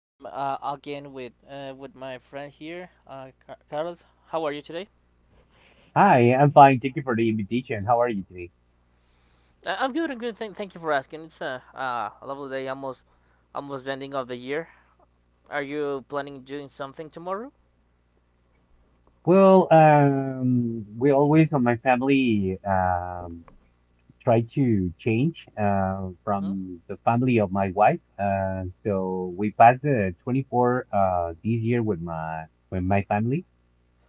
I'm again with my friend here, Carlos. How are you today? Hi, I'm fine. Thank you for the invitation. How are you today? I'm good. I'm good. Thank you for asking. It's a lovely day. Almost ending of the year. Are you planning doing something tomorrow? Well, we always on my family try to change Mhm. from the family of my wife. So we passed the 24 this year with my family,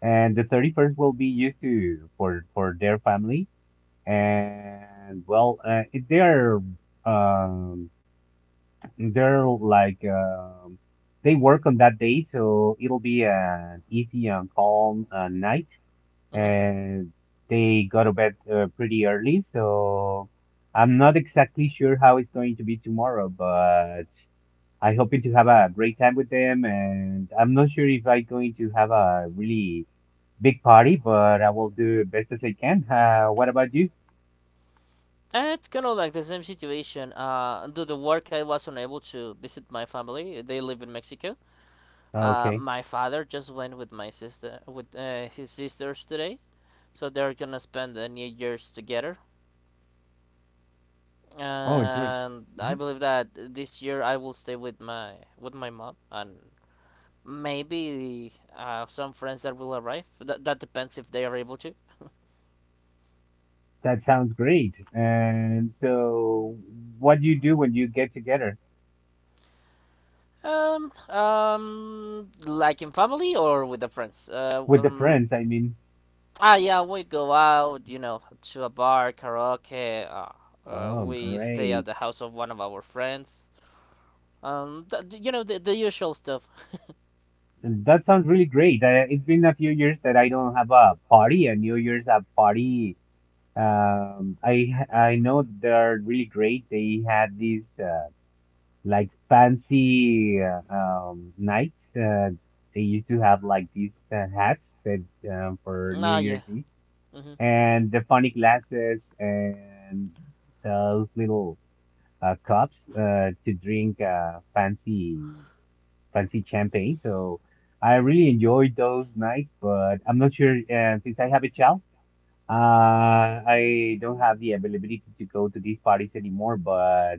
and the 31st will be used to for their family. And well, um, They're like um, they work on that day, so it'll be an easy and calm night. Mhm. And they go to bed pretty early, so I'm not exactly sure how it's going to be tomorrow, but I hoping to have a great time with them. And I'm not sure if I'm going to have a really big party, but I will do best as I can. What about you? It's kind of like the same situation. Due to work, I was unable to visit my family. They live in Mexico. Okay. My father just went with my sister, with his sisters today. So they're gonna spend the New Year's together. Oh, it's good. And I believe that this year I will stay with my mom and maybe some friends that will arrive. That depends if they are able to. That sounds great. And so, what do you do when you get together Like in family or with the friends. With the friends? I mean, Yeah, we go out, you know, to a bar, karaoke. Oh, We stay at great. the house of one of our friends. The usual stuff. And that sounds really great. It's been a few years that I don't have a party, a New Year's a party. Um, I I know that they are really great. They had these like fancy nights. They used to have like these hats that for New Ah, yeah. Year's Eve Hmm. and the funny glasses and those little cups to drink fancy champagne. So I really enjoyed those nights, but I'm not sure since I have a child, I don't have the availability to go to these parties anymore. But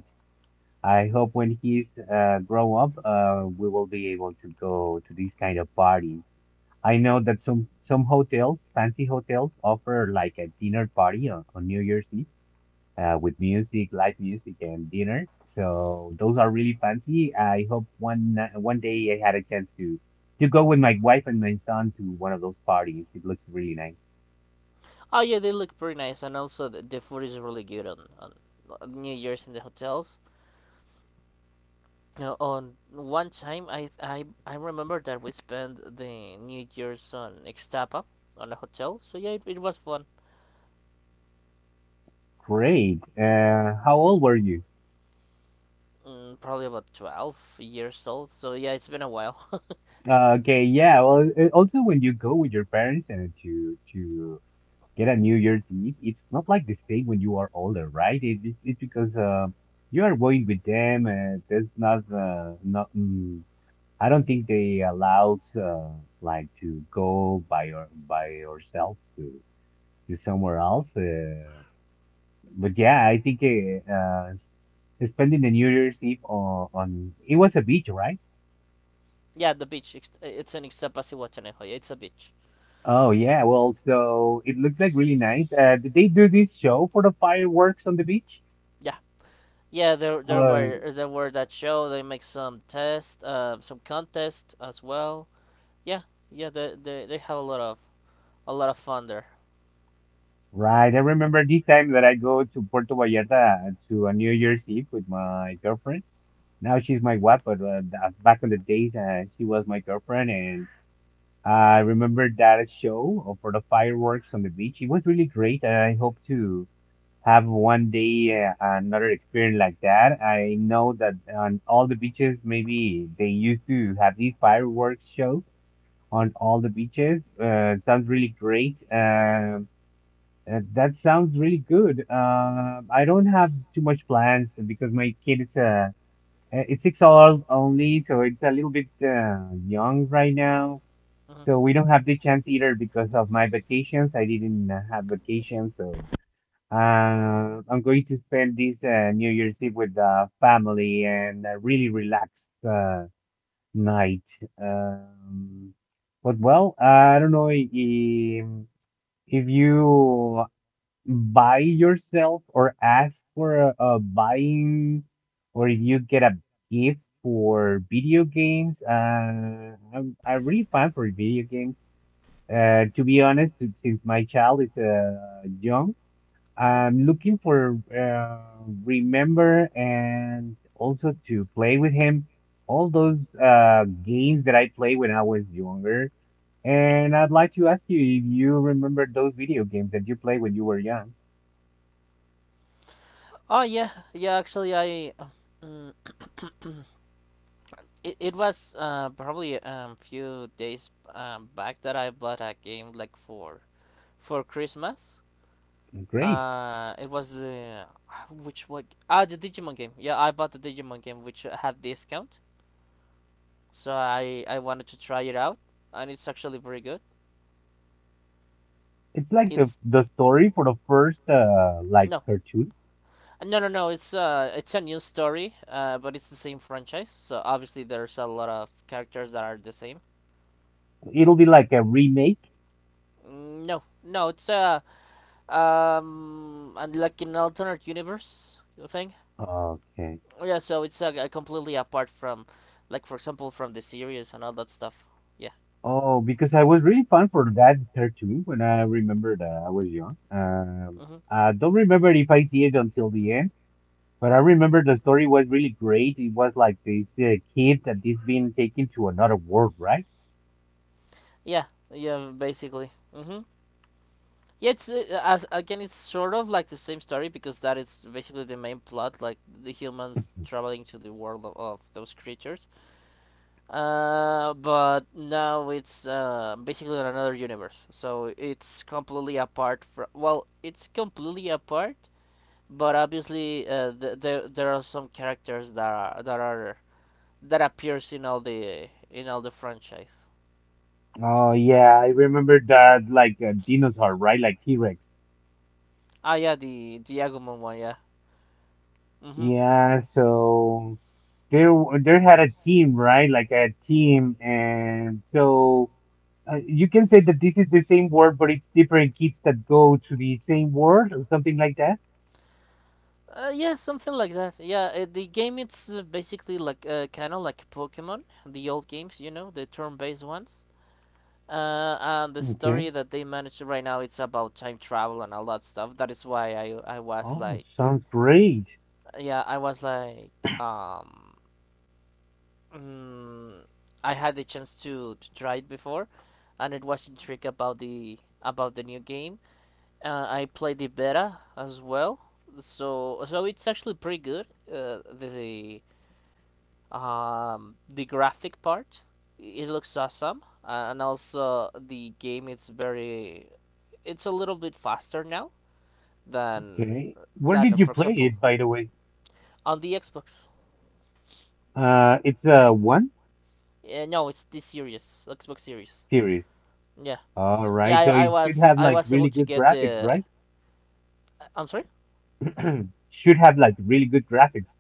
I hope when he's grow up, we will be able to go to these kind of parties. I know that some hotels, fancy hotels, offer like a dinner party on New Year's Eve with music, live music, and dinner. So those are really fancy. I hope one day I had a chance to go with my wife and my son to one of those parties. It looks really nice. Oh yeah, they look pretty nice, and also the food is really good on New Year's in the hotels. You know, on one time, I remember that we spent the New Year's on Ixtapa, on a hotel. So yeah, it was fun. Great. How old were you? Mm, probably about 12 years old. So yeah, it's been a while. Okay, yeah. Well, also when you go with your parents and to get a New Year's Eve, it's not like the same when you are older, right? It's because you are going with them. There's not, not, I don't think they allow like to go by yourself to somewhere else. But yeah, I think spending the New Year's Eve on it was a beach, right? Yeah, the beach. It's in Ixtapa, Sihuatanejo. Yeah, it's a beach. Oh yeah, well, so it looks like really nice. Did they do this show for the fireworks on the beach? Yeah, yeah. There there Uh, were there were that show. They make some test, some contest as well. Yeah, yeah. They have a lot of fun there. Right. I remember this time that I go to Puerto Vallarta to a New Year's Eve with my girlfriend. Now she's my wife, but back in the days, she was my girlfriend. And I remember that show for the fireworks on the beach. It was really great. And I hope to have one day another experience like that. I know that on all the beaches, maybe they used to have these fireworks show on all the beaches. Sounds really great. That sounds really good. I don't have too much plans because my kid is it's 6 hours only, so it's a little bit young right now. Mm-hmm. So we don't have the chance either because of my vacations. I didn't have vacation, so I'm going to spend this New Year's Eve with the family and a really relaxed night. Um, but well, I don't know if you buy yourself or ask for a buying, or if you get a gift for video games. I'm really fan for video games, to be honest. Since my child is young, Mm-hmm. I'm looking for remember, and also to play with him all those games that I played when I was younger. And I'd like to ask you if you remember those video games that you played when you were young. Oh yeah, yeah. Actually, I mm, it, it was probably few days back that I bought a game like for Christmas. Great. It was the which what ah the Digimon game. Yeah, I bought the Digimon game which had discount, so I wanted to try it out, and it's actually pretty good. It's like the It's the story for the first like No. cartoon. No. It's a new story, but it's the same franchise. So obviously, there's a lot of characters that are the same. It'll be like a remake. Mm, no, it's a like an alternate universe thing. Okay. Yeah, so it's completely apart from, like for example, from the series and all that stuff. Yeah. Oh, because I was really fun for that cartoon when I remembered that I was young. Um, Mhm. I don't remember if I see it until the end, but I remember the story was really great. It was like this kid that is being taken to another world, right? Yeah. Yeah. Basically. Mhm. Yeah, it's as again, it's sort of like the same story because that is basically the main plot, like the humans traveling to the world of those creatures. But now it's basically in another universe. So it's completely apart from. Well, it's completely apart, but obviously there are some characters that appears in all the franchise. Oh yeah, I remember that like a dinosaur, right? Like T-Rex. Ah, yeah, the Agumon one, yeah. Mhm. Yeah, so they had a team, right? Like a team, and so you can say that this is the same word, but it's different kids that go to the same word or something like that. Yeah, something like that. Yeah, the game it's basically like kind of like Pokemon, the old games, you know, the turn-based ones. And the Okay. story that they managed right now it's about time travel and all that stuff. That is why I was Oh, like, sounds great. yeah, I was like, um, mm, I had the chance to try it before, and it was intrigued about the new game. I played the beta as well, so so it's actually pretty good. The graphic part, it looks awesome, and also the game is very, it's a little bit faster now than Okay. Where than did you for play example it, by the way? on the Xbox. It's a one No, it's the series, Xbox Series. series. Yeah, All yeah. right, I, so I it should was have I like was able really to good get graphics, the. right? I'm sorry. Should have like really good graphics.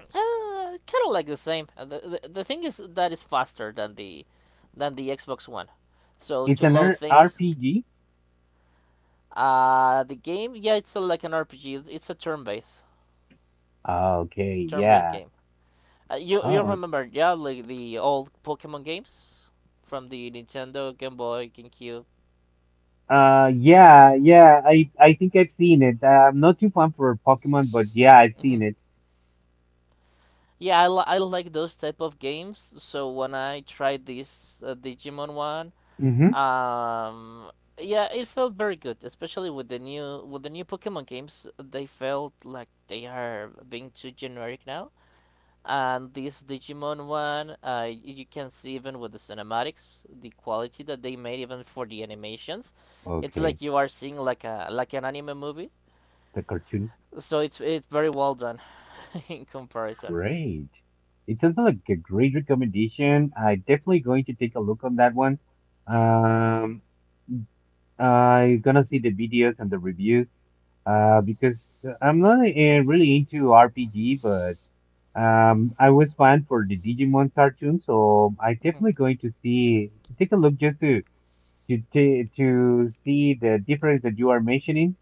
Kind of like the same. The thing is that is faster than the Xbox One. So It's to an load things, RPG. The game yeah, it's a, like an RPG. It's a turn-based. Ah, okay, Turn-based yeah. game. You Oh. remember yeah like the old Pokemon games from the Nintendo, Game Boy, GameCube. Yeah, yeah. I think I've seen it. I'm not too fun for Pokemon, but yeah, I've Hmm. seen it. Yeah, I like those type of games. So when I tried this Digimon one, Mm-hmm. um, yeah, it felt very good, especially with the new Pokemon games. They felt like they are being too generic now. And this Digimon one, you can see even with the cinematics, the quality that they made, even for the animations, it's Okay, like you are seeing like a an anime movie. the cartoon. So it's very well done in comparison. Great. It sounds like a great recommendation. I definitely going to take a look on that one. Um, I'm gonna see the videos and the reviews. Because I'm not really into RPG, but I was fan for the Digimon cartoon, so I Mhm. definitely going to see to take a look just to see the difference that you are mentioning.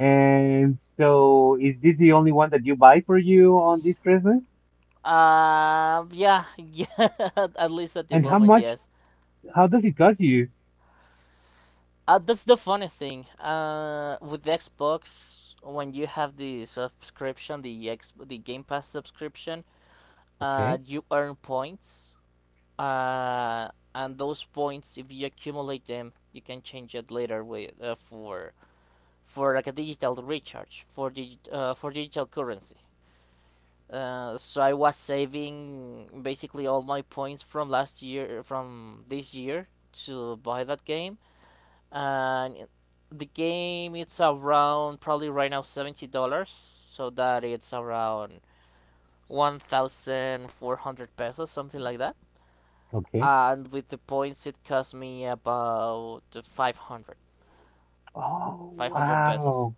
And so, is this the only one that you buy for you on this Christmas? Yeah, yeah. At least at And the how moment, much? yes. How does it cost you? That's the funny thing. With the Xbox, when you have the subscription, the Game Pass subscription, Okay, you earn points. And those points, if you accumulate them, you can change it later with for like a digital recharge for digital currency. So I was saving basically all my points from last year from this year to buy that game, and the game it's around probably right now $70, so that it's around 1,400 pesos, something like that. okay. And with the points it cost me about 500 Oh pesos, wow!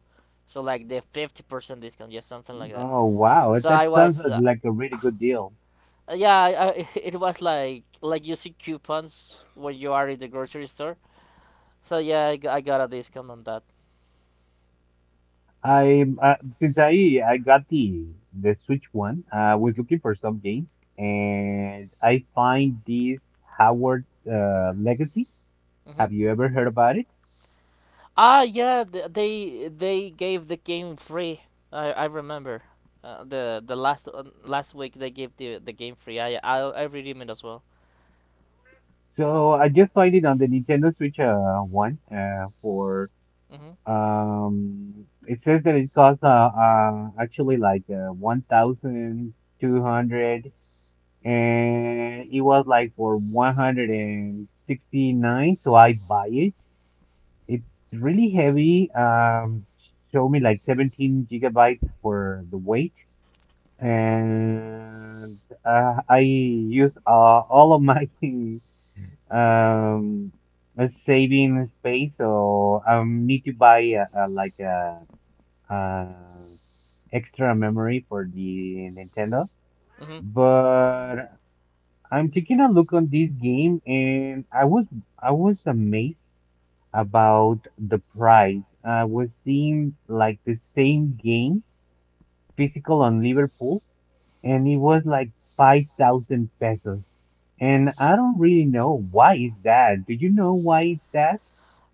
so like the 50% discount, yeah, something like that. Oh wow! That So I that sounds was like a really good deal. yeah I, it was like using coupons when you are in the grocery store. So yeah, I got a discount on that. I Since I got the Switch one, I was looking for some games, and I find this Howard Legacy. Hmm. Have you ever heard about it? Ah yeah, they gave the game free. I remember the last last week they gave the game free. I redeemed it as well. So I just find it on the Nintendo Switch one for Hmm. It says that it costs actually like 1,200, and it was like for 169, so I buy it. It's really heavy. Show me like 17 gigabytes for the weight, and I use all of my um saving space, or need to buy like a extra memory for the Nintendo. Hmm. But I'm taking a look on this game, and I was amazed about the price. I was seeing like the same game physical on Liverpool, and it was like 5,000 pesos. And I don't really know why is that. Do you know why is that?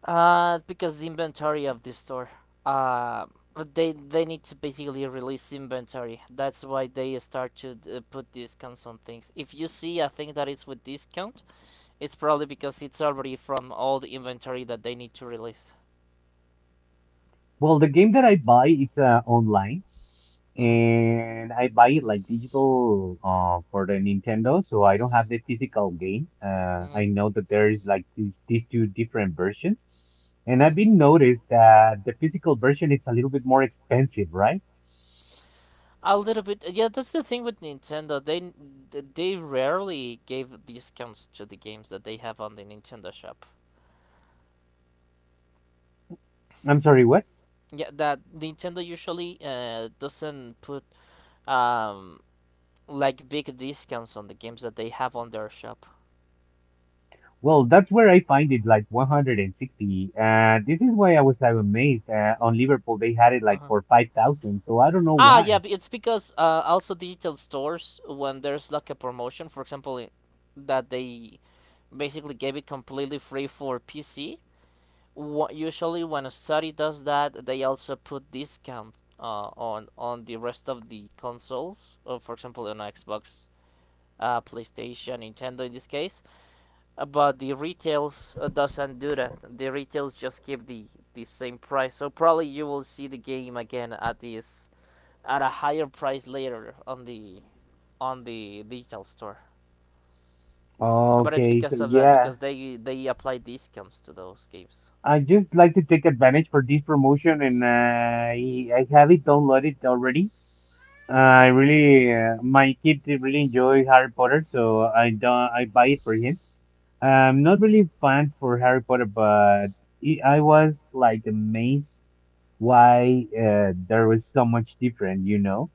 It's because the inventory of the store. Uh, but they need to basically release inventory. That's why they start to put discounts on things. If you see a thing that is with discount, it's probably because it's already from all the inventory that they need to release. Well, the game that I buy it's online, Hmm. and I buy it like digital for the Nintendo, so I don't have the physical game. Uh, Hmm. I know that there is like these two different versions, and I've Hmm. been noticed that the physical version it's a little bit more expensive, right? A little bit. Yeah, that's the thing with Nintendo. They rarely gave discounts to the games that they have on the Nintendo shop. I'm sorry, what? Yeah, that Nintendo usually doesn't put um like big discounts on the games that they have on their shop. Well, that's where I find it like 160. This is why I was amazed. On Liverpool, they had it like Uh-huh. for 5,000, so I don't know Ah, yeah, why. it's because also digital stores when there's like a promotion, for example, that they basically gave it completely free for PC. Usually, when a study does that, they also put discounts on the rest of the consoles. For example, on Xbox, PlayStation, Nintendo in this case, but the retails doesn't do that. The retails just keep the same price. So probably you will see the game again at this at a higher price later on the digital store. But it's Okay, so because of that yeah. because they apply discounts to those games. I just like to take advantage for this promotion, and I have it downloaded already. Mhm. My kid really enjoy Harry Potter, so I don't, I buy it for him. Mhm. I'm not really fan for Harry Potter, but I was like amazed why there was so much different,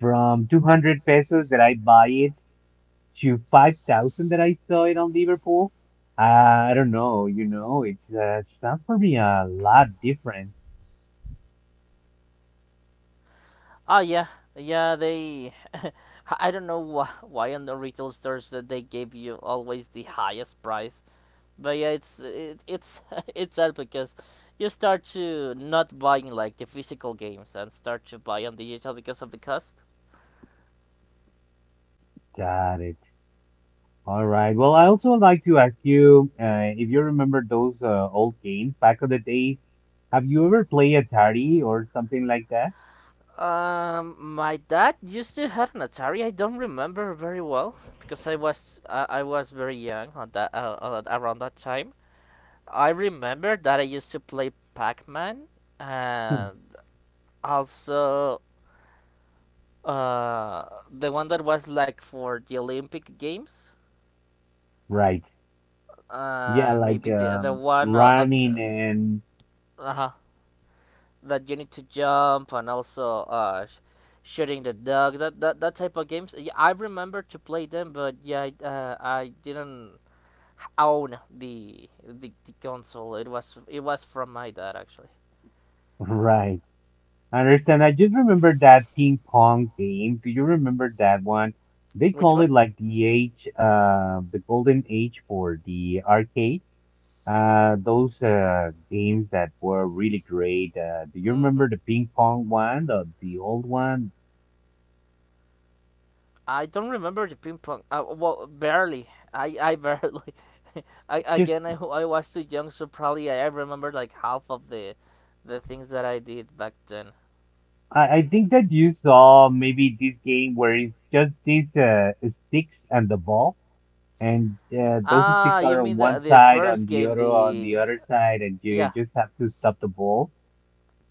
from 200 pesos that I buy it to 5,000 that I saw it on Liverpool. I don't know, it's sounds for me a lot different. Ah yeah, yeah they I don't know why on the retail stores that they gave you always the highest price. But yeah, it's it's sad because you start to not buying like the physical games and start to buy on digital because of the cost. Got it. All right. Well, I also like to ask you if you remember those old games back of the days. Have you ever played Atari or something like that? My dad used to have an Atari. I don't remember very well because I was very young on that around that time. I remember that I used to play Pac-Man Hmm. and also uh the one that was like for the Olympic Games, Right. Yeah, and like maybe the one running and uh-huh that you need to jump and also shooting the dog, that type of games. Yeah, I remember to play them, but yeah, I didn't own the console. It was it was from my dad actually. right. I understand. I just remember that ping pong game. Do you remember that one? They Which call one? it like the golden age for the arcade. Those games that were really great. Do you Mm-hmm. remember the ping pong one, the old one? I don't remember the ping pong well, barely, I barely Just again, I was too young, so probably I remember like half of the things that I did back then. I think that you saw maybe this game where it's just these sticks and the ball, and those Ah, sticks you are on mean the one the side, first game on the the other side, and you Yeah. just have to stop the ball.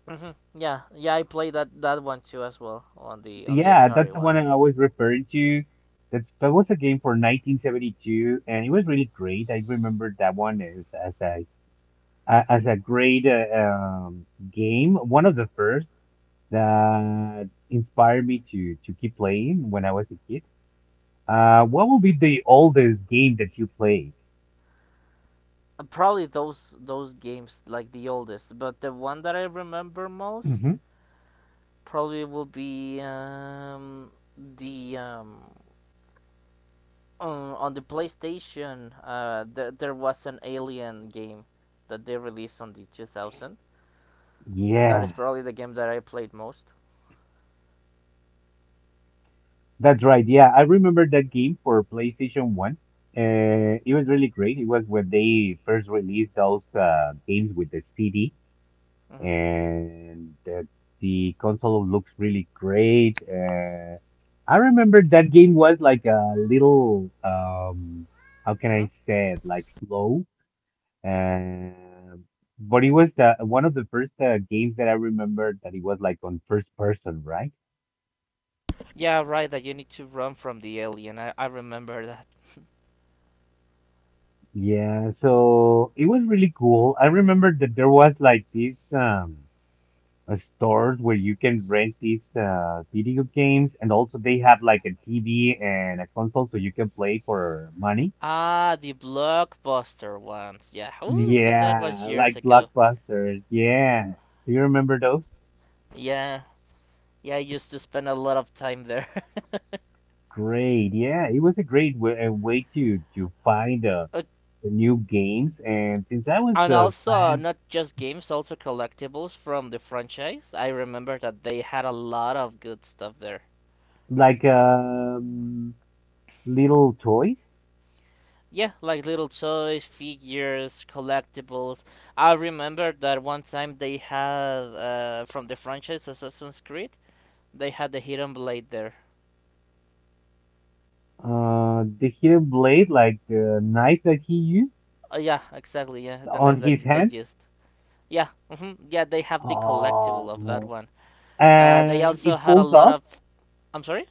Hmm. Yeah. Yeah, I played that one too as well on the Yeah, that's Atari the one. one I was referring to. That was a game for 1972, and it was really great. I remember that one as a great game, one of the first that inspired me to keep playing when I was a kid. What will be the oldest game that you played? Probably those games like the oldest, but the one that I remember Hmm. most probably will be the on the PlayStation there was an Alien game that they released on the 2000. That is Yeah, probably the game that I played most. that's right. Yeah, I remember that game for PlayStation 1. Uh, it was really great. It was when they first released those games with the CD. Mhm. And The console looks really great. I remember that game was like a little, how can I Mhm. say it, like slow. Um but it was one of the first games that I remember that it was like on first person, right? Yeah, right, that you need to run from the alien. I remember that. Yeah, so it was really cool. I remember that there was like this, stores where you can rent these video games, and also they have like a TV and a console so you can play for money. Ah, the blockbuster ones. Yeah, ooh, that was Yeah, years like ago. Blockbusters. Yeah. Do you remember those? Yeah, yeah, I used to spend a lot of time there. Great. Yeah, it was a great way, a way to find Uh, the new games. And since I was and a also, fan, not just games, also collectibles from the franchise. I remember that they had a lot of good stuff there. like little toys, Yeah, like little toys, figures, collectibles. I remember that one time they had, from the franchise Assassin's Creed, they had the Hidden Blade there. The hidden blade, like the knife that he used Yeah, exactly, yeah, the knife on his that they hands. used. Yeah, yeah, they have the collectible of that Oh, one. They and also it had a pulls lot up of. I'm sorry.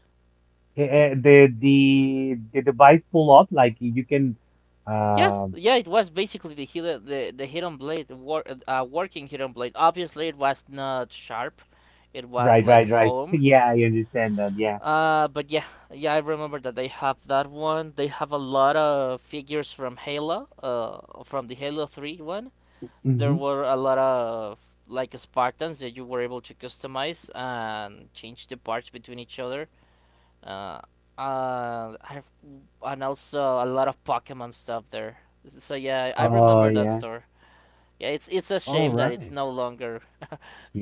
the device pull up like you can Yeah, um yeah, it was basically the hidden blade, working hidden blade. Obviously, it was not sharp. It was right like right right foam. Yeah, I understand that yeah But yeah, I remember that they have that one. They have a lot of figures from Halo, from the Halo 3 one. There mm-hmm. were a lot of like Spartans that you were able to customize and change the parts between each other. Uh, I've and also a lot of Pokemon stuff there. So yeah, I Oh, remember that yeah. store. Yeah, it's a All shame that it's right. no longer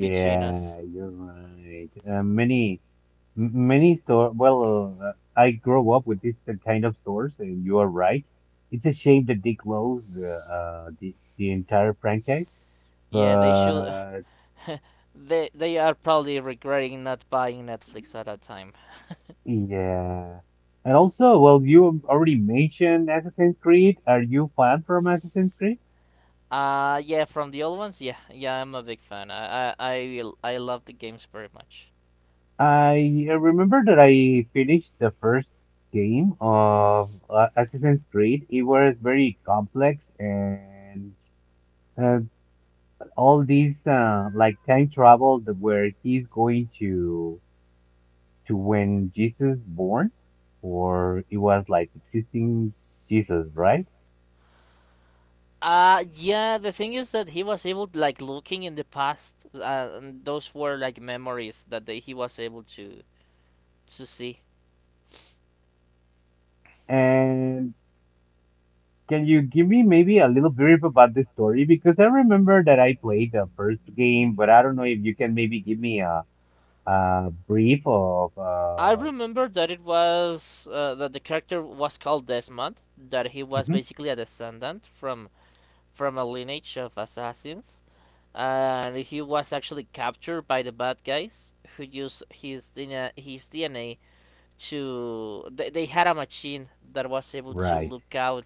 between us. you're right. Many m- many store well I grew up with this kind of stores and you are right, it's a shame that they closed, the entire franchise Yeah, they should. but They are probably regretting not buying Netflix at that time. Yeah. And also, well, you already mentioned Assassin's Creed. Are you fan from Assassin's Creed? Yeah, from the old ones, yeah, I'm a big fan. I I love the games very much. I remember that I finished the first game of Assassin's Creed. It was very complex and uh, all these like time travel that where he's going to when Jesus born, or it was like existing Jesus, right? Yeah, the thing is that he was able, like, looking in the past, and those were like memories that he was able to see. And Can you give me maybe a little brief about this story? Because I remember that I played the first game, but I don't know if you can maybe give me a brief of I uh remember that it was that the character was called Desmond, that he was Mhm, basically a descendant from a lineage of assassins, and he was actually captured by the bad guys who used his DNA to. They had a machine that was able to right. look out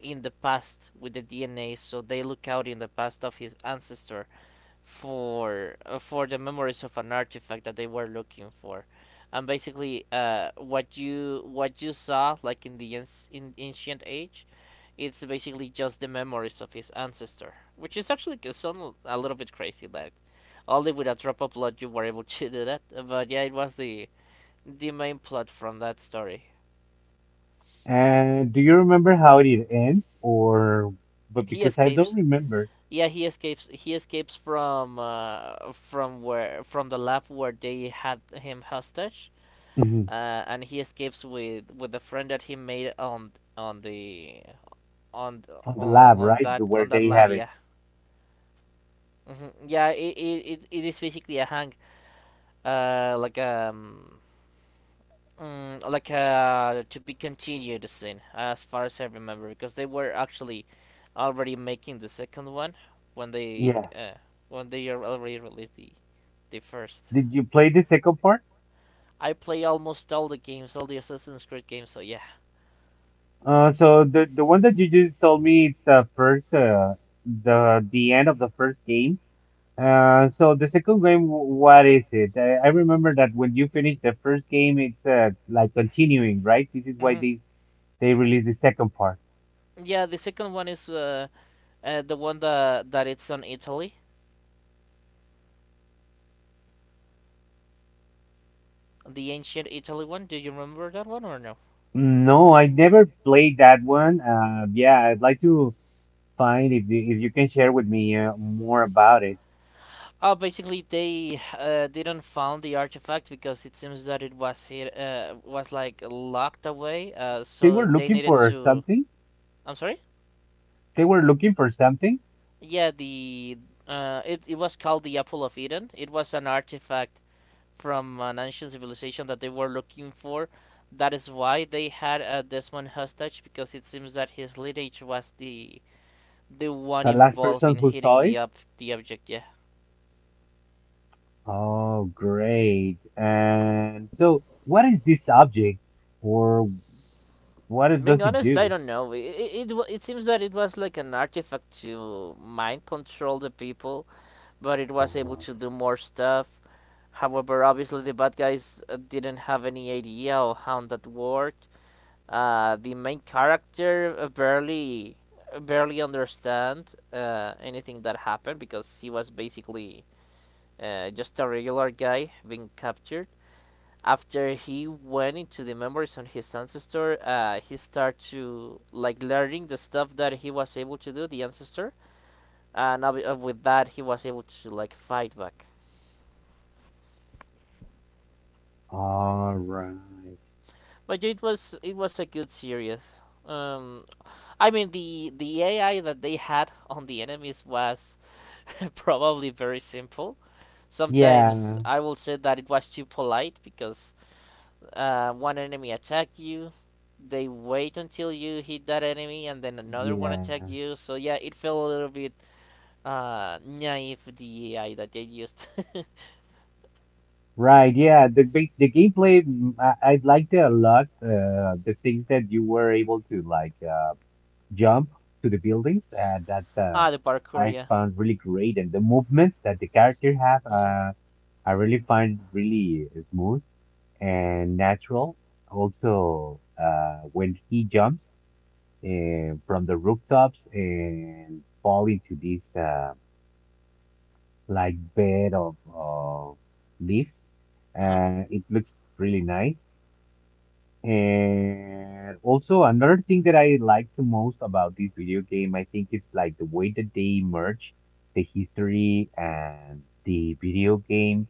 in the past with the DNA, so they look out in the past of his ancestor for the memories of an artifact that they were looking for. And basically, what you saw like in the in ancient age, it's basically just the memories of his ancestor, which is actually g- sound a little bit crazy, like only with a drop of blood you were able to do that. But yeah, it was the main plot from that story. And do you remember how it ends or but He because I don't escapes. remember. Yeah, he escapes. He escapes from where, from the lab where they had him hostage. Mhm. And he escapes with the friend that he made on on the on On the on, lab, on right? that The, where on that they lab. have it. Yeah, yeah. It is basically a hang, like. Mm, like to be continued scene, as far as I remember, because they were actually already making the second one when they Yeah. uh, when they already released the first. Did you play the second part? I play almost all the games, all the Assassin's Creed games, so yeah. So the one that you just told me it's the first the end of the first game. So the second game, what is it? I remember that when you finish the first game, it's like continuing, right? This is why hmm they released the second part. Yeah, the second one is the one that it's on Italy, the ancient Italy one. Do you remember that one or no? No, I never played that one. Yeah, I'd like to find if you can share with me more about it. Oh, basically they didn't found the artifact because it seems that it was like locked away. They So were they looking needed for to. something. I'm sorry. They were looking for something. Yeah, the it it was called the Apple of Eden. It was an artifact from an ancient civilization that they were looking for. That is why they had Desmond hostage, because it seems that his lineage was the one The last involved person in who hitting saw the it. up the object. Yeah. Oh, great. And so, what is this object, or Being does it honest, I do? don't know. It seems that it was like an artifact to mind control the people, but it was Oh, able wow. to do more stuff. However, obviously the bad guys didn't have any idea of how that worked. The main character barely barely understand anything that happened because he was basically just a regular guy being captured. After he went into the memories on his ancestor, he started to like learning the stuff that he was able to do, the ancestor, and with that he was able to like fight back. All right. But it was a good series. I mean the AI that they had on the enemies was probably very simple. Sometimes Yeah. I will say that it was too polite because one enemy attack you, they wait until you hit that enemy, and then another one attack Yeah. you. So yeah, it felt a little bit naive the AI that they used. Right. Yeah. The gameplay, I liked it a lot. The things that you were able to like jump to the buildings that ah, the parkour, I yeah. found really great, and the movements that the character have, Mhm, I really find really smooth and natural. Also, when he jumps from the rooftops and fall into these, like bed of leaves. uh-huh. It looks really nice. And also another thing that I like the most about this video game, I think it's like the way that they merge the history and the video game.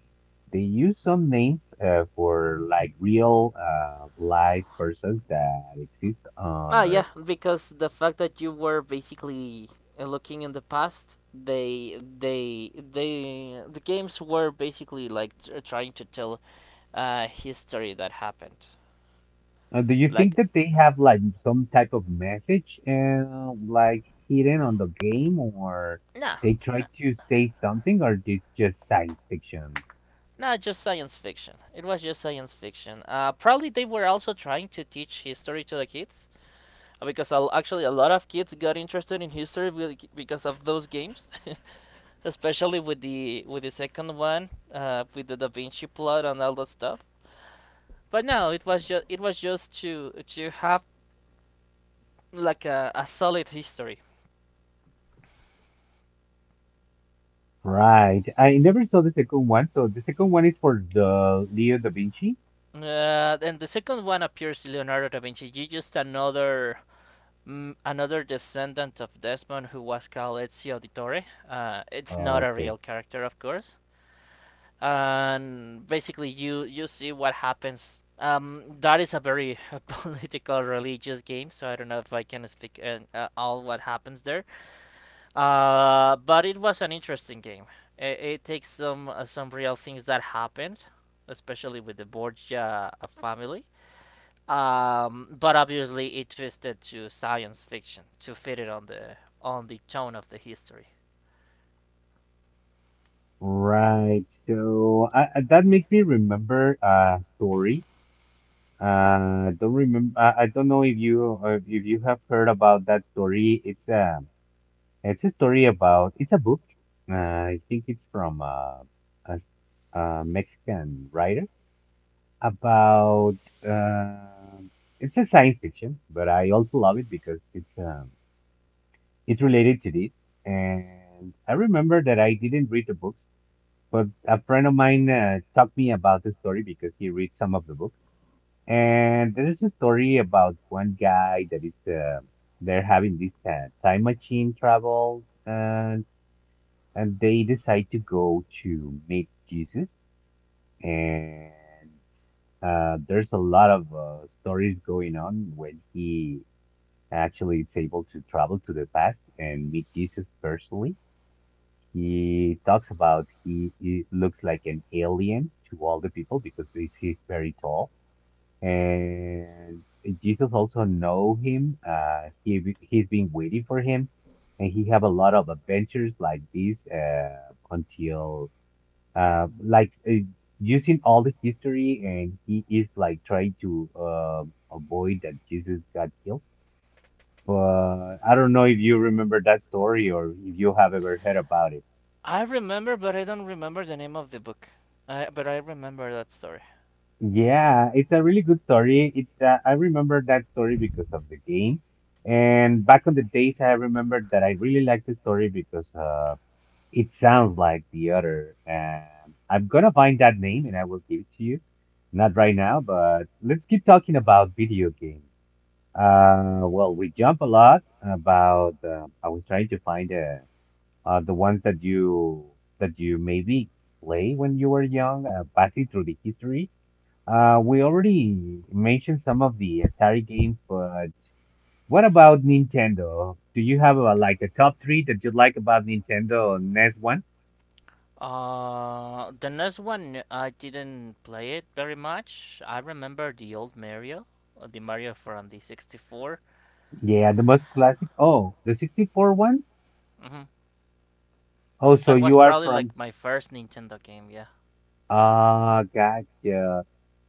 They use some names for like real life persons that exist Ah, on yeah, our because the fact that you were basically looking in the past, the games were basically like trying to tell a history that happened. Uh, Do you Like, think that they have like some type of message like hidden on the game, or nah, they try to say something, or it's just science fiction? No, just science fiction. It was just science fiction. Probably they were also trying to teach history to the kids, actually a lot of kids got interested in history because of those games, especially with the second one, with the Da Vinci plot and all that stuff. But no, it was just to have like a solid history. Right. I never saw the second one. So the second one is for the Leo da Vinci. And the second one appears Leonardo da Vinci, you just another another descendant of Desmond who was called Ezio Auditore. It's not a Okay. real character, of course. And basically, you see what happens. That is a very political, religious game, so I don't know if I can speak all what happens there. But it was an interesting game. It takes some real things that happened, especially with the Borgia family. Um, but obviously it twisted to science fiction to fit it on the tone of the history. Right. So that makes me remember a story. Don't remember. I don't know if you have heard about that story. It's a story about, it's a book. I think it's from a, s- a Mexican writer about, uh, it's a science fiction, but I also love it because it's related to this. And I remember that I didn't read the books, but a friend of mine talked me about the story because he reads some of the books. And there is a story about one guy that it's they're having this time machine travel and they decide to go to meet Jesus. And There's a lot of stories going on when he actually is able to travel to the past and meet Jesus personally. He talks about he looks like an alien to all the people because he's very tall. And Jesus also know him. He he's been waiting for him and he have a lot of adventures like this until uh, like uh, using all the history, and he is like trying to avoid that Jesus got killed. But I don't know if you remember that story or if you have ever heard about it. I remember, but I don't remember the name of the book. I, but I remember that story. Yeah, it's a really good story. It I remember that story because of the game, and back on the days, I remembered that I really liked the story because it sounds like the other. I'm gonna find that name and I will give it to you. Not right now, but let's keep talking about video games. We jump a lot about. I was trying to find the ones that you maybe play when you were young, passing through the history. We already mentioned some of the Atari games, but what about Nintendo? Do you have a, like a top three that you like about Nintendo NES one? The next one I didn't play it very much. I remember the old Mario, the Mario from the 64. Yeah, the most classic. Oh, the 64 one? Hmm Oh, so That was you are probably from. like my first Nintendo game. Yeah, Ah, gotcha.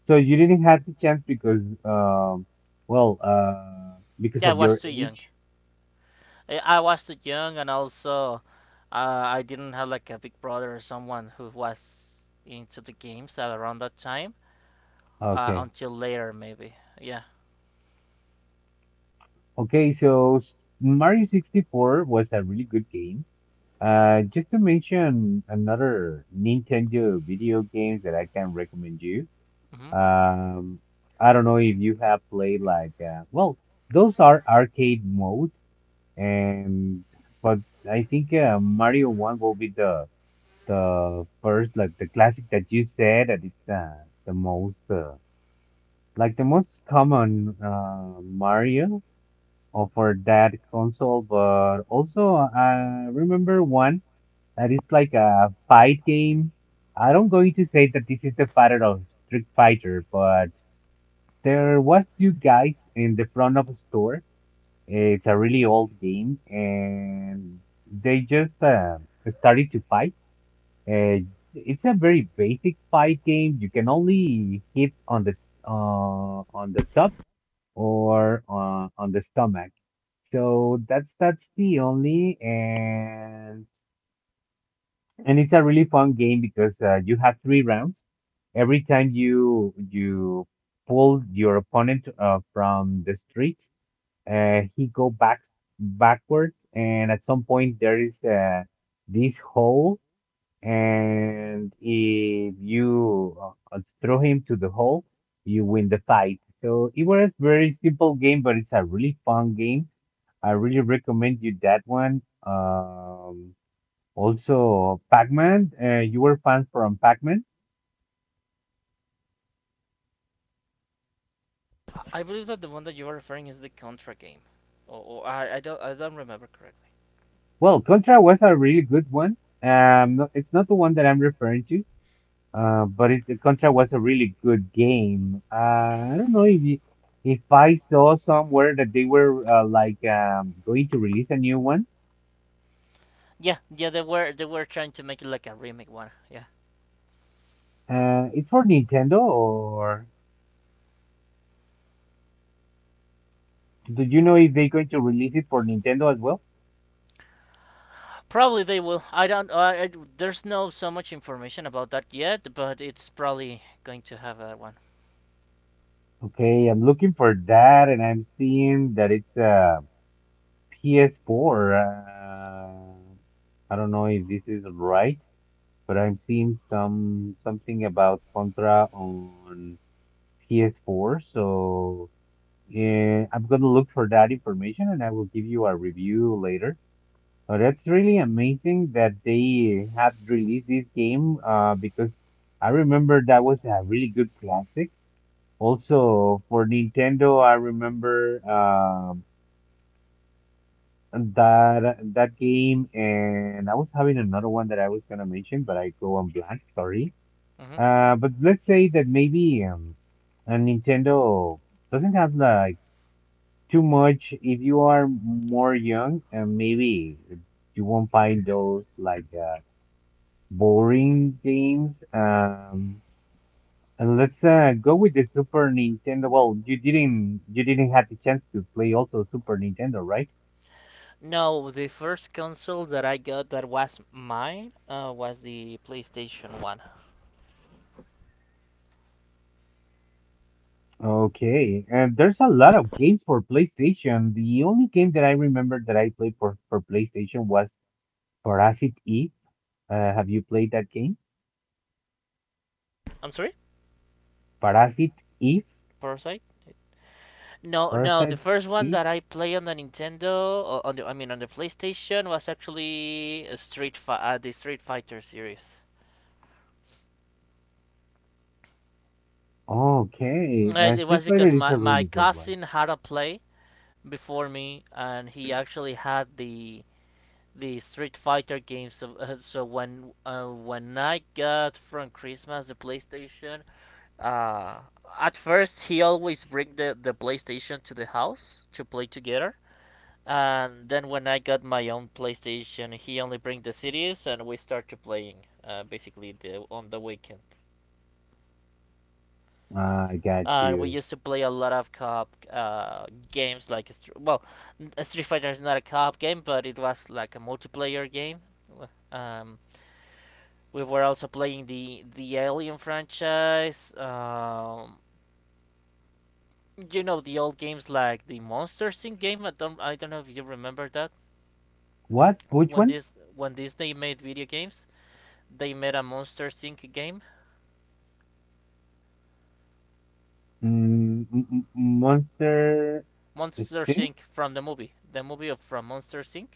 So you didn't have the chance because, because yeah, I of was your too young. age? I watched it young, and also I didn't have like a big brother or someone who was into the games at around that time, Okay. until later, maybe. Yeah. Okay, Mario 64 was a really good game. Just to mention another Nintendo video games that I can recommend you. hmm Um, I don't know if you have played like, those are arcade modes and but I think Mario One will be the first like the classic that you said that it's the most like the most common Mario or for that console. But also I remember one that it's like a fight game. I don't going to say that this is the father of Street Fighter, but there was two guys in the front of a store, it's a really old game, and they just started to fight. Uh, it's a very basic fight game. You can only hit on the top or on the stomach. So that's the only, and it's a really fun game because you have three rounds. Every time you pull your opponent from the street, he go back backwards, and at some point there is this hole, and if you throw him to the hole, you win the fight. So it was very simple game, but it's a really fun game. I really recommend you that one. Also, Pac-Man. You were fans from Pac-Man. I believe that the one that you are referring is the Contra game, or I don't remember correctly. Well, Contra was a really good one. No, it's not the one that I'm referring to. But it, the Contra was a really good game. I don't know if I saw somewhere that they were going to release a new one. Yeah, yeah, they were trying to make it like a remake one. Yeah, It's for Nintendo, or do you know if they're going to release it for Nintendo as well? probably they will. I don't. There's no so much information about that yet, but it's probably going to have that one. Okay, I'm looking for that, and I'm seeing that it's PS4. I don't know if this is right, but I'm seeing some something about Contra on PS4, so. Yeah, I'm gonna look for that information and I will give you a review later. But that's really amazing that they have released this game because I remember that was a really good classic. Also for Nintendo, I remember that that game and I was having another one that I was gonna mention, but I go on blank, sorry. Hmm But let's say that maybe a Nintendo doesn't have like too much if you are more young and maybe you won't find those like boring games, and let's go with the Super Nintendo. Well, you didn't have the chance to play also Super Nintendo, right? No, the first console that I got that was mine was the PlayStation 1. Okay, and there's a lot of games for PlayStation. The only game that I remember that I played for PlayStation was Parasite Eve. Have you played that game? I'm sorry? Parasite Eve? Parasite? No, no, the Parasite first one Eve? that I played on the Nintendo, or on the, I mean on the PlayStation, was actually a the Street Fighter series. Okay, It was Street Fighter because is a really my good one. cousin had a play before me, and he actually had the Street Fighter games. So, so when I got from Christmas the PlayStation, Uh, at first, he always bring the PlayStation to the house to play together. And then when I got my own PlayStation, he only bring the CDs and we start to playing basically the, on the weekend. I got And we you. used to play a lot of co-op games like, well, Street Fighter is not a co-op game, but it was like a multiplayer game. Um, we were also playing the Alien franchise. You know the old games like the Monster Inc. game. I don't know if you remember that. What? Which When one? this when Disney made video games, they made a Monster Inc. game. Monster Monster Stinks? Inc. from the movie of from Monster Inc.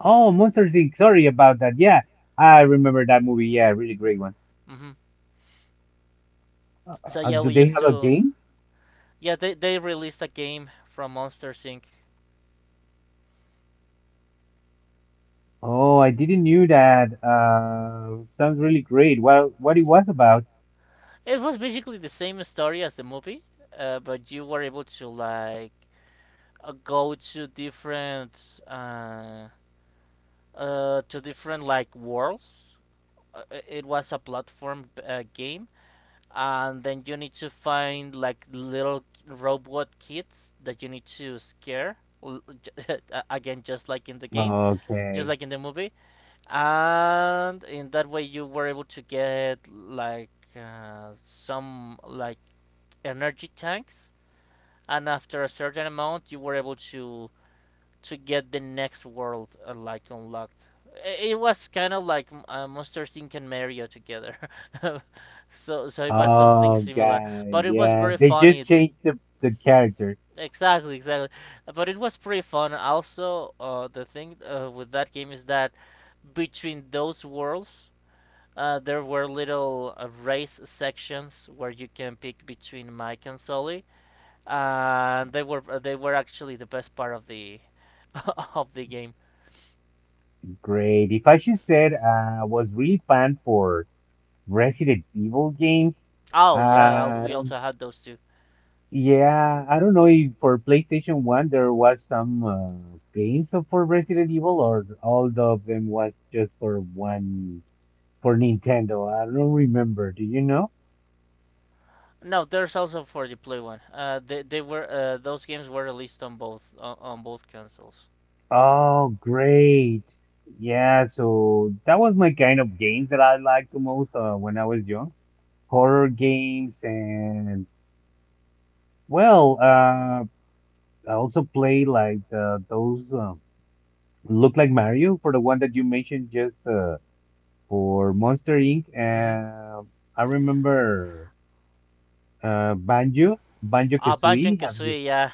Oh, Monster Inc. Sorry about that. Yeah, I remember that movie. Yeah, really great one. hmm Uh, So uh, yeah, do we they used have a to game? yeah they released a game from Monster Inc. Oh, I didn't knew that. Sounds really great. Well, what it was about? It was basically the same story as the movie, but you were able to like go to different like worlds. It was a platform game, and then you need to find like little robot kids that you need to scare, again, just like in the game, just Okay. like in the movie, and in that way you were able to get like some like energy tanks, and after a certain amount you were able to get the next world like unlocked. It was kind of like Monster Inc. and Mario together, so so it was something Oh, similar. God. But it was Yeah, very they just funny. Changed the character. Exactly, exactly. But it was pretty fun. Also, the thing with that game is that between those worlds, there were little race sections where you can pick between Mike and Sully, and they were actually the best part of the of the game. Great. If I should said, was really fun for Resident Evil games. Oh yeah, I'll, I we don't, also had those two. Yeah, I don't know if for PlayStation 1 there was some games for Resident Evil or all of them was just for one for Nintendo. I don't remember. Do you know? No, there's also for the Play One. They were those games were released on both consoles. Oh, great. Yeah, so that was my kind of games that I liked the most when I was young. Horror games and well, I also played like the, those. Look like Mario for the one that you mentioned just for Monster Inc. Hmm And I remember Banjo, Banjo Ah, Banjo and Kazooie. Have you? Kazooie, yeah,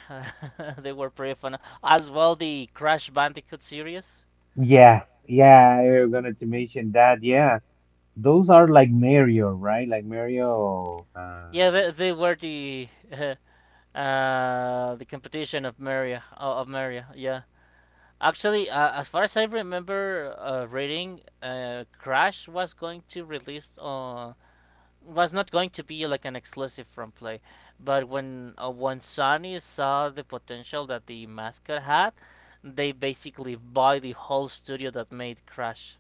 they were pretty fun. As well, the Crash Bandicoot series. Yeah, yeah, I was gonna to mention that. Yeah, those are like Mario, right? Like Mario. Yeah, they were the the competition of Mario of Mario. Yeah, actually, as far as I remember, reading, Crash was going to release on was not going to be like an exclusive from play, but when Sony saw the potential that the mascot had, they basically bought the whole studio that made Crash,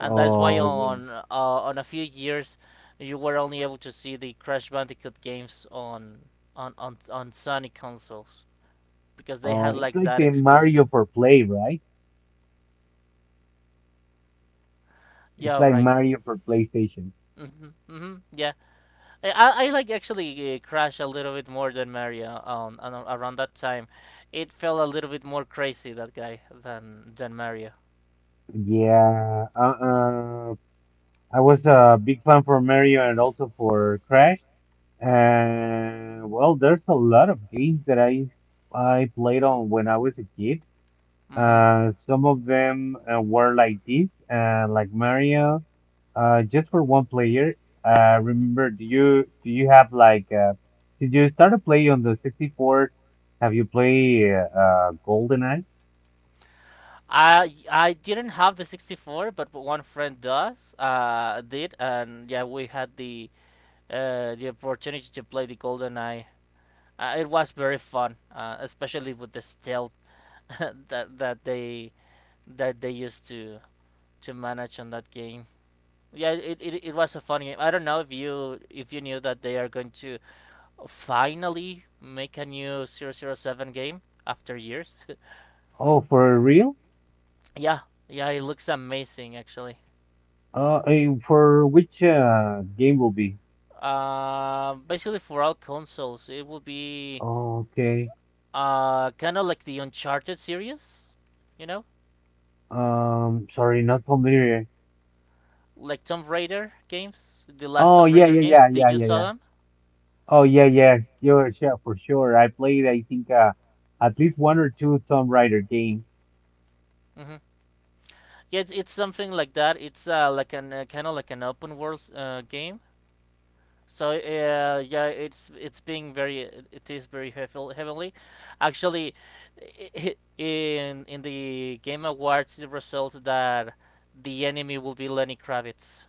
and that's why Oh yeah. On a few years, you were only able to see the Crash Bandicoot games on Sony consoles because they Oh, had it's like like that the exclusive. Mario for Play, right? It's Yeah, like right. Mario for PlayStation. Mhm. Mhm. Yeah. I actually crashed a little bit more than Mario on around that time. It felt a little bit more crazy that guy than Mario. Yeah. I was a big fan for Mario and also for Crash. Well, there's a lot of games that I played on when I was a kid. Hmm Some of them were like this, like Mario, just for one player. Remember, do you have like did you start to play on the 64? Have you played GoldenEye? I didn't have the 64, but one friend does did, and yeah, we had the opportunity to play the Golden Eye. It was very fun, especially with the stealth that that they used to manage on that game. Yeah, it was a fun game. I don't know if you knew that they are going to finally make a new 007 game after years. Oh, for real? yeah, yeah, it looks amazing actually. Eh, for which game will be? Basically for all consoles, it will be Okay. Kind of like the Uncharted series, you know, Sorry, not familiar. like Tomb Raider games, the last Oh, Tomb yeah, yeah, Raider yeah, games. yeah, Did you yeah, saw yeah. them? Oh yeah, yeah, sure, sure, for sure. I played, I think, at least one or two Tomb Raider games. Mm-hmm. Yeah, it's something like that. It's like an kind of like an open world game. So yeah, it's being very it is very heavily. Actually, i- in the Game Awards, it results that the enemy will be Lenny Kravitz.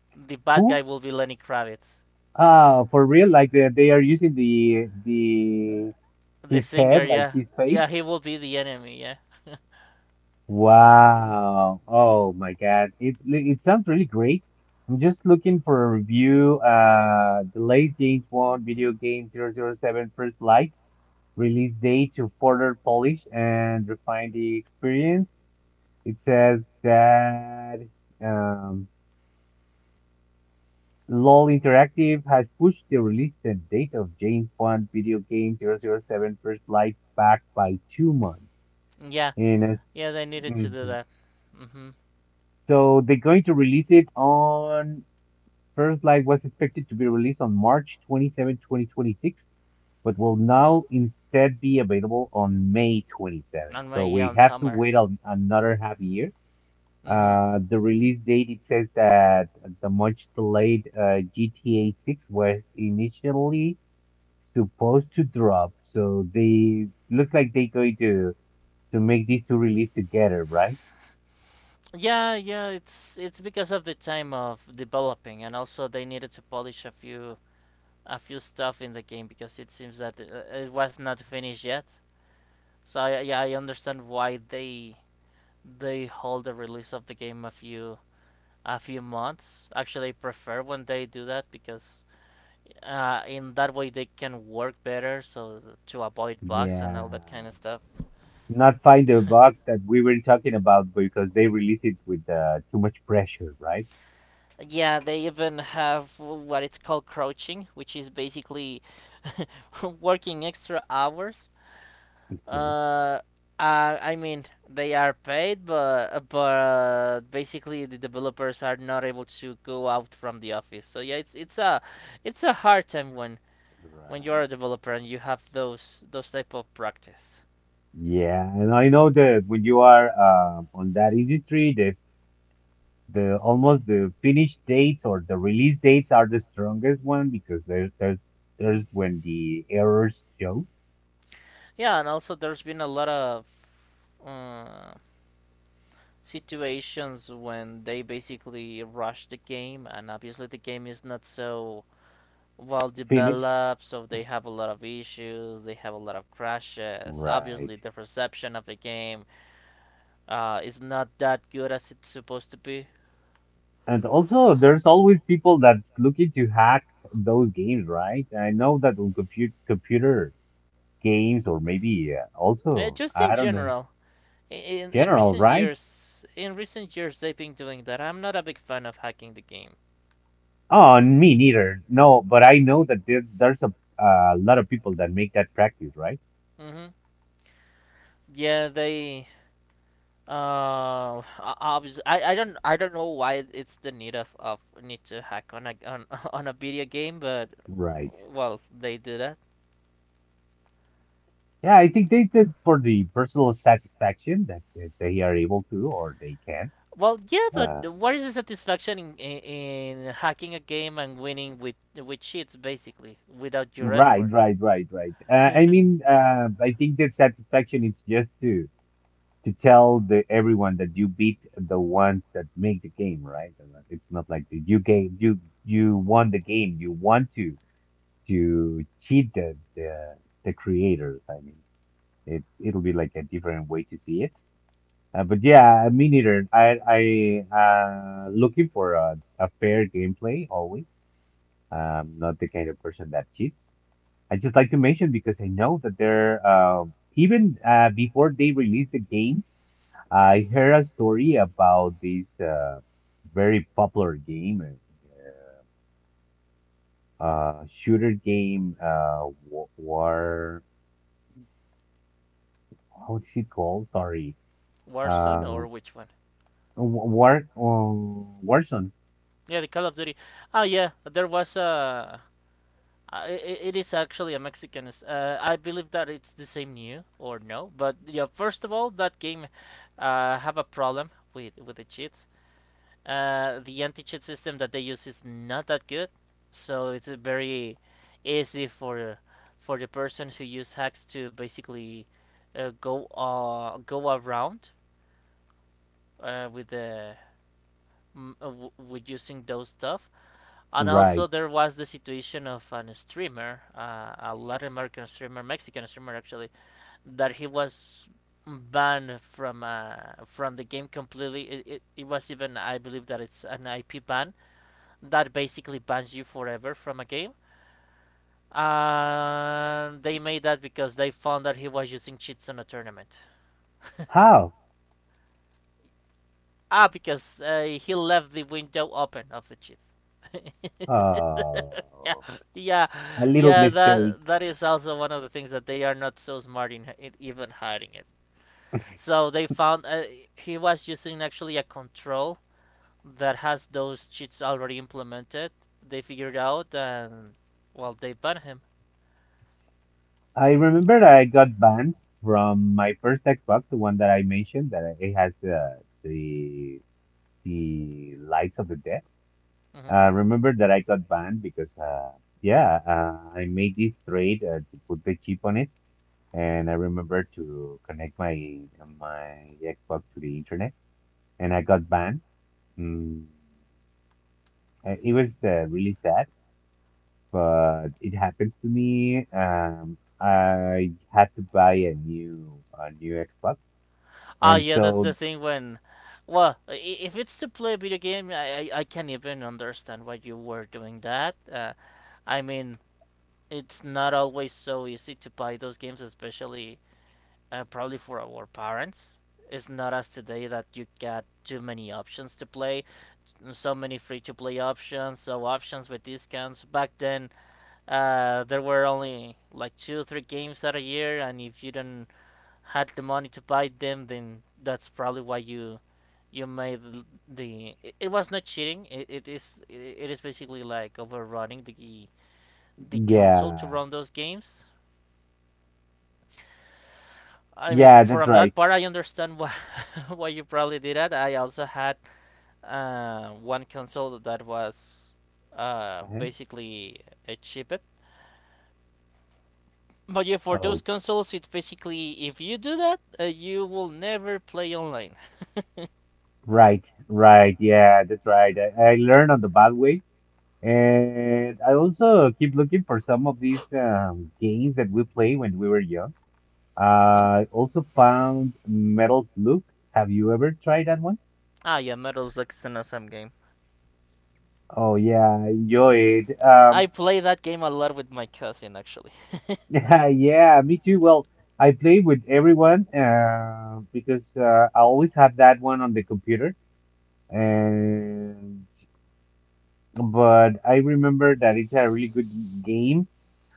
the bad guy Who? will be Lenny Kravitz. For real? Like the, they are using the The his singer, head, like yeah, his face. yeah, he will be the enemy, yeah, Wow. Oh my God. It sounds really great. I'm just looking for a review. The late James Bond video game 007 first Light release date to further polish and refine the experience. It says that um, LOL Interactive has pushed the release and date of James Bond video game double oh 007 First Light back by 2 months. yeah, And yeah. They needed to do mhm, that. Mhm. so they're going to release it on First Light was expected to be released on March 27, 2026, but will now instead be available on May 27. On my So we young have to summer. wait a, another half year. Mhm. The release date, it says that the much delayed GTA 6 was initially supposed to drop. So they looks like they're going to make these two release together, right? Yeah, yeah. It's because of the time of developing, and also they needed to polish a few stuff in the game because it seems that it was not finished yet. So yeah, I understand why they hold the release of the game a few months. Actually, I prefer when they do that because in that way they can work better, so to avoid bugs and all that kind of Yeah. stuff. Not find the box that we were talking about because they release it with too much pressure, right? Yeah, they even have what it's called crouching, which is basically working extra hours. Okay. Uh, I mean, they are paid, but basically the developers are not able to go out from the office. So yeah, it's a hard time when you're Right. a developer and you have those type of practice. Yeah, and I know that when you are on that industry, the almost the finish dates or the release dates are the strongest one because there's when the errors show. Yeah, and also there's been a lot of uh, situations when they basically rush the game, and obviously the game is not so well Finished. developed, so they have a lot of issues, they have a lot of crashes. Right. Obviously, the perception of the game is not that good as it's supposed to be. And also, there's always people that's looking to hack those games, right? I know that on computer games or maybe also, Just in I don't know, general, general, right? In recent years they've been doing that. I'm not a big fan of hacking the game. Oh, me neither. No, but I know that there's a lot of people that make that practice, right? Hmm Yeah, they. Obviously, I don't know why it's the need of need to hack on a video game, but uh, Right. well, they do that. Yeah, I think they just for the personal satisfaction that they are able to or they can. Well, yeah, but Uh, what is the satisfaction in hacking a game and winning with cheats, basically, without your right, effort? right, right, right. I mean, I think that satisfaction is just to tell the everyone that you beat the ones that make the game, right? And that it's not like the, you game you won the game. You want to cheat the creators. I mean, it it'll be like a different way to see it. But yeah, me neither. I looking for a fair gameplay always. Not the kind of person that cheats. I just like to mention because I know that there even before they released the games, I heard a story about this very popular game, shooter game, war. How is it called? Sorry, Warzone uh, or which one? Warzone. Yeah, the Call of Duty. Ah, yeah, there was a. It is actually a Mexican. I believe that it's the same new or no, but yeah. First of all, that game have a problem with the cheats. Uh, the anti-cheat system that they use is not that good, so it's very easy for the person who use hacks to basically go around with the m- w with using those stuff. And also Right. there was the situation of an streamer, a Latin American streamer, Mexican streamer actually, that he was banned from the game completely. It was even I believe that it's an IP ban that basically bans you forever from a game. And they made that because they found that he was using cheats on a tournament. How? Ah, because he left the window open of the cheats. yeah, Oh, yeah, a little yeah. mistake. That is also one of the things that they are not so smart in even hiding it. So they found he was using actually a control that has those cheats already implemented. They figured out, and well, they banned him. I remember I got banned from my first Xbox, the one that I mentioned that it has the the lights of the dead. Hmm I remember that I got banned because yeah, I made this trade to put the chip on it, and I remember to connect my Xbox to the internet, and I got banned. Mm, it was really sad but it happens to me. I had to buy a new Xbox, Ah, and yeah, that's so the thing well, if it's to play a video game, I can't even understand why you were doing that. I mean, it's not always so easy to buy those games, especially probably for our parents. It's not as today that you got too many options to play, so many free-to-play options, so options with discounts. Back then, there were only like two or three games at a year, and if you didn't had the money to buy them, then that's probably why you made the it, was not cheating it is basically like overrunning the console to yeah, run those games. I mean yeah, that's from right. that part I understand why why you probably did that. I also had one console that was Uh-huh. basically a cheapet, but yeah for those Oh, consoles it basically if you do that you will never play online. right, right, yeah, that's right. I learned on the bad way, and I also keep looking for some of these games that we play when we were young. hmm I also found Metal Slug. Have you ever tried that one? ah, yeah, Metal Slug is an awesome game. Oh yeah, I enjoy it. I play that game a lot with my cousin actually. yeah, me too. Well, I play with everyone because I always have that one on the computer. And but I remember that it's a really good game.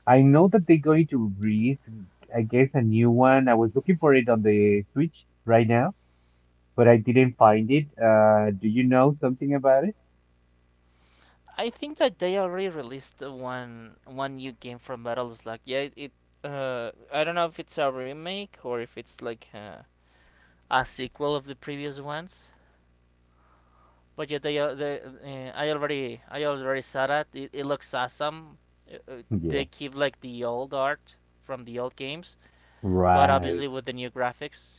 I know that they're going to release, I guess, a new one. I was looking for it on the Switch right now, but I didn't find it. Do you know something about it? I think that they already released one new game from Metal Slug. Yeah, it I don't know if it's a remake or if it's like a sequel of the previous ones. But yeah, they, al- they I already saw that. It looks awesome. They Yeah, keep like the old art from the old games, but obviously right. with the new graphics.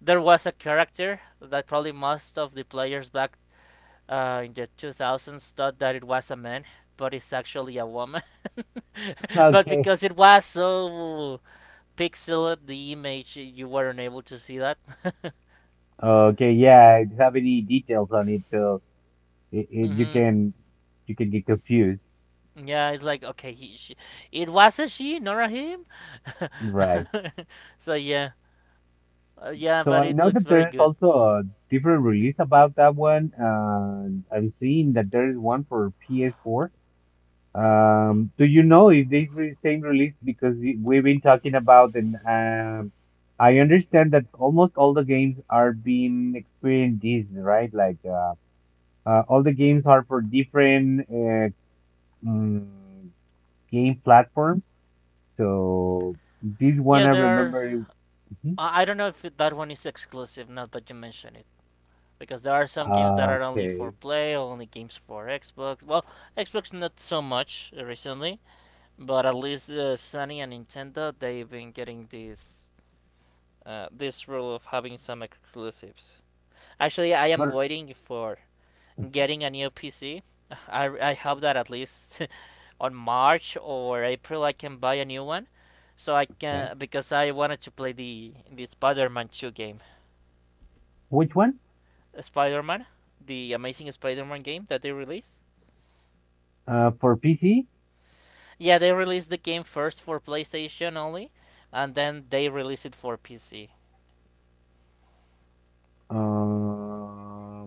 There was a character that probably most of the players back in the 2000s thought that it was a man, but it's actually a woman. but Okay. because it was so pixelated, the image, you weren't able to see that. Okay, yeah, I don't have any details on it, so it, it, you hmm can you can get confused, Yeah, it's like, okay, she, it was a she, not a him. right? so, yeah. Yeah, So but I it know looks that very there is good. also a different release about that one, and I'm seeing that there is one for PS4. Do you know if this same release because we've been talking about and I understand that almost all the games are being experienced this, right? Like all the games are for different mm, game platforms. So this one Yeah, I there are. remember. Hmm? I don't know if that one is exclusive now that you mention it, because there are some games that are only for Okay. play, only games for Xbox. Well, Xbox not so much recently, but at least Sony and Nintendo they've been getting this rule of having some exclusives. Actually, I am But waiting for getting a new PC. I hope that at least on March or April I can buy a new one. So I okay, can because I wanted to play the Spider-Man 2 game, which one? Spider-Man, the Amazing Spider-Man game that they released. For PC? Yeah, they released the game first for PlayStation only, and then they released it for PC. Um,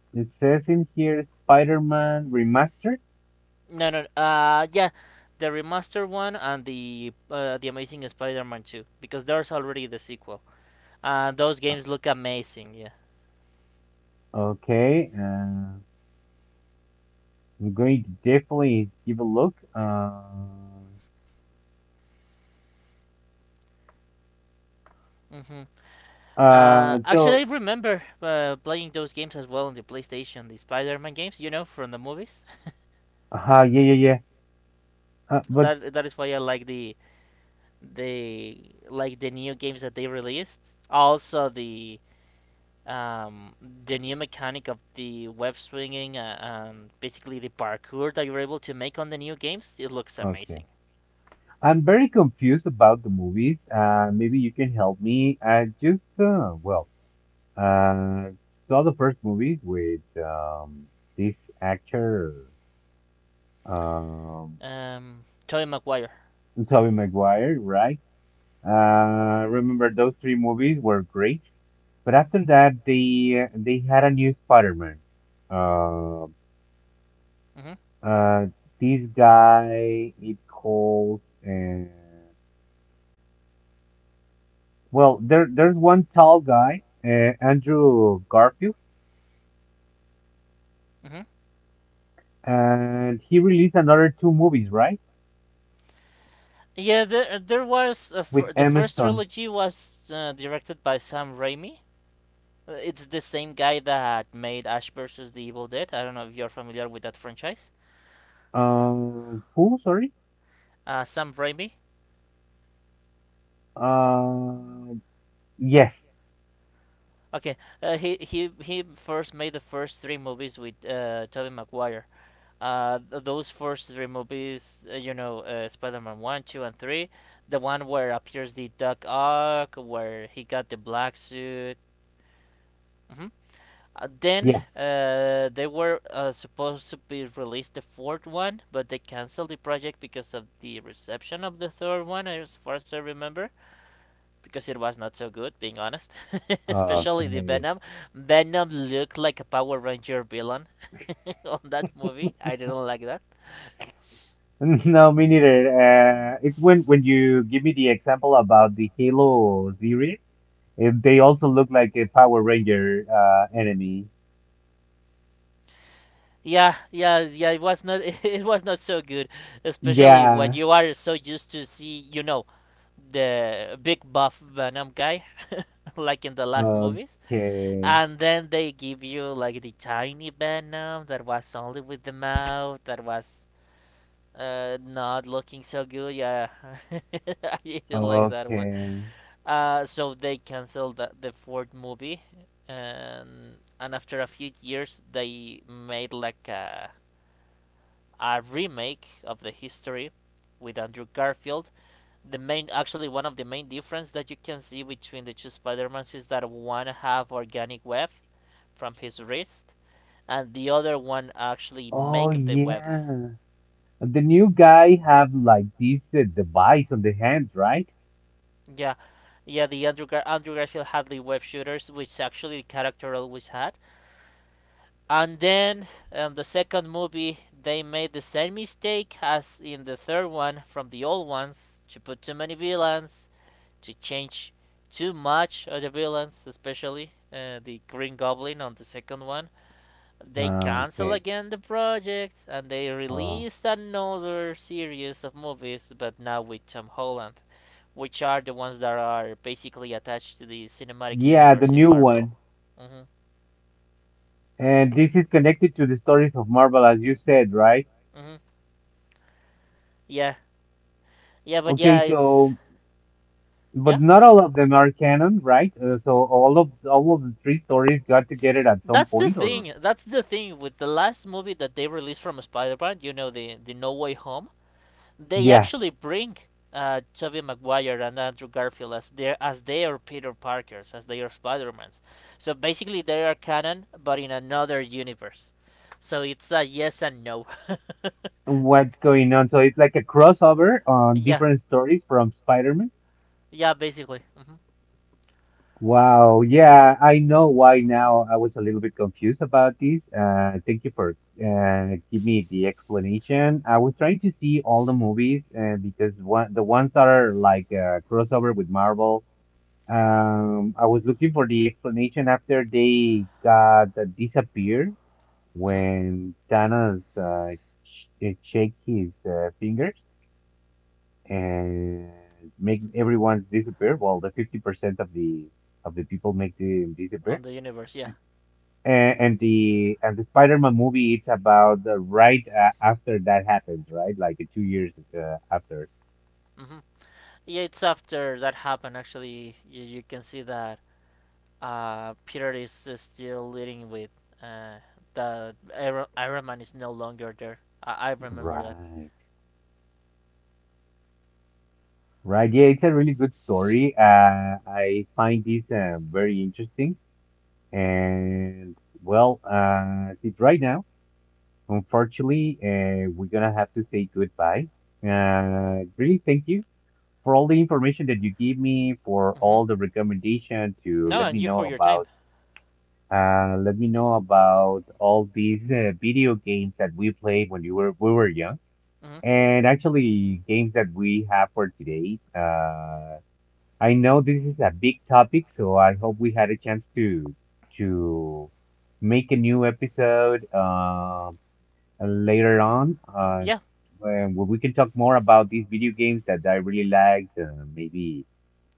it says in here Spider-Man Remastered. No, no, yeah, the remastered one and the Amazing Spider-Man 2 because there's already the sequel, and those games look amazing. Yeah. Okay. I'm going to definitely give a look. Mm-hmm. Actually, I So, remember playing those games as well on the PlayStation, the Spider-Man games, you know, from the movies. Yeah, yeah, yeah. But That is why I like the like the new games that they released. Also um, the new mechanic of the web swinging and basically the parkour that you're able to make on the new games. It looks okay. amazing. I'm very confused about the movies. Maybe you can help me. I just, well, uh, saw the first movies with this actor, um, Tobey Maguire. Tobey Maguire, right? Remember those 3 movies were great, but after that they had a new Spider-Man. Uh, Mm-hmm. uh, this guy it calls uh, well there's one tall guy, Andrew Garfield, Mm-hmm. and he released another 2 movies, right? Yeah, With the Emma first Stone. trilogy was directed by Sam Raimi. It's the same guy that made Ash versus the Evil Dead. I don't know if you're familiar with that franchise. Who? Sorry. Sam Raimi. Uh, yes. Okay, he first made the first three movies with Tobey Maguire, those first three movies, you know, Spider-Man one, two, and three, the one where appears the Doc Ock, where he got the black suit. Hmm then Yeah. They were supposed to be released the fourth one, but they canceled the project because of the reception of the third one, as far as I remember, because it was not so good, being honest. Especially the Okay. Venom. Venom looked like a Power Ranger villain on that movie. I didn't like that. No, me neither. It's when you give me the example about the Halo series, if they also look like a Power Ranger enemy. Yeah, yeah, yeah. It was not. It was not so good, especially when Yeah. you are so used to see, you know, the big buff Venom guy, like in the last movies, Okay. and then they give you like the tiny Venom that was only with the mouth, that was not looking so good. Yeah, I didn't like that one. Okay. So they canceled the fourth movie, and after a few years they made like a remake of the history with Andrew Garfield. The main, actually, one of the main difference that you can see between the two Spider-Mans is that one have organic web from his wrist, and the other one actually Oh make the web. yeah. The new guy have like this device on the hands, right? Yeah, yeah. Andrew Garfield had the web shooters, which actually the character always had. And then, in the second movie, they made the same mistake as in the third one from the old ones to put too many villains to change too much of the villains, especially the Green Goblin on the second one. They cancel okay. again the project and they Oh. release another series of movies, but now with Tom Holland, which are the ones that are basically attached to the cinematic Yeah, the universe in new Marvel. one. Mm-hmm. And this is connected to the stories of Marvel, as you said, right? Mm-hmm. Yeah. Yeah, but Okay, yeah, it's so yeah. but not all of them are canon, right? So all of the three stories got together at some That's the point, or thing. That's the thing with the last movie that they released from Spider-Man. You know the No Way Home, they yeah, actually bring Tobey Maguire and Andrew Garfield as their Peter Parkers, as their Spider-Mans. So basically, they are canon, but in another universe. So it's a yes and no. what's going on? So it's like a crossover on yeah, different stories from Spider-Man. yeah, basically. Hmm Wow, yeah, I know why now. I was a little bit confused about this. Thank you for give me the explanation. I was trying to see all the movies, because one the ones that are like crossover with Marvel. I was looking for the explanation after they got disappeared hmm when Thanos sh shake his fingers and make everyone's disappear. Well, the 50% of the people make them On disappear. the universe, yeah. And The and the Spider-Man movie, it's about the right after that happens, right? Like 2 years after. hmm Yeah, it's after that happened. Actually, you can see that Peter is still leading with uh, Iron Man is no longer there. I remember that. Right. Right. Yeah, it's a really good story. I find this very interesting. And well, that's it right now. Unfortunately, we're gonna have to say goodbye. Really, thank you for all the information that you give me, for Hmm all the recommendation to No, let and me you for know your time. about, let me know about all these video games that we played when you were we were young, Hmm and actually games that we have for today. I know this is a big topic, so I hope we had a chance to make a new episode later on Yeah, where we can talk more about these video games that I really liked. Maybe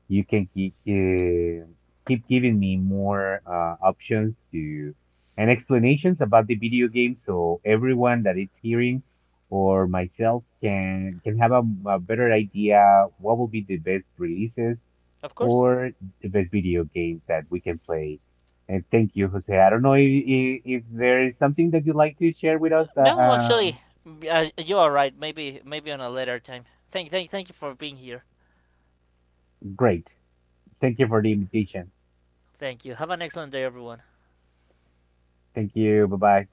you can keep giving me more options to and explanations about the video game, so everyone that is hearing or myself can have a better idea what will be the best releases of course. or the best video games that we can play. And thank you, Jose. I don't know if there is something that you'd like to share with us. No, actually, you are right. Maybe, maybe on a later time. Thank you for being here. Great. Thank you for the invitation. Thank you. Have an excellent day, everyone. Thank you. Bye bye.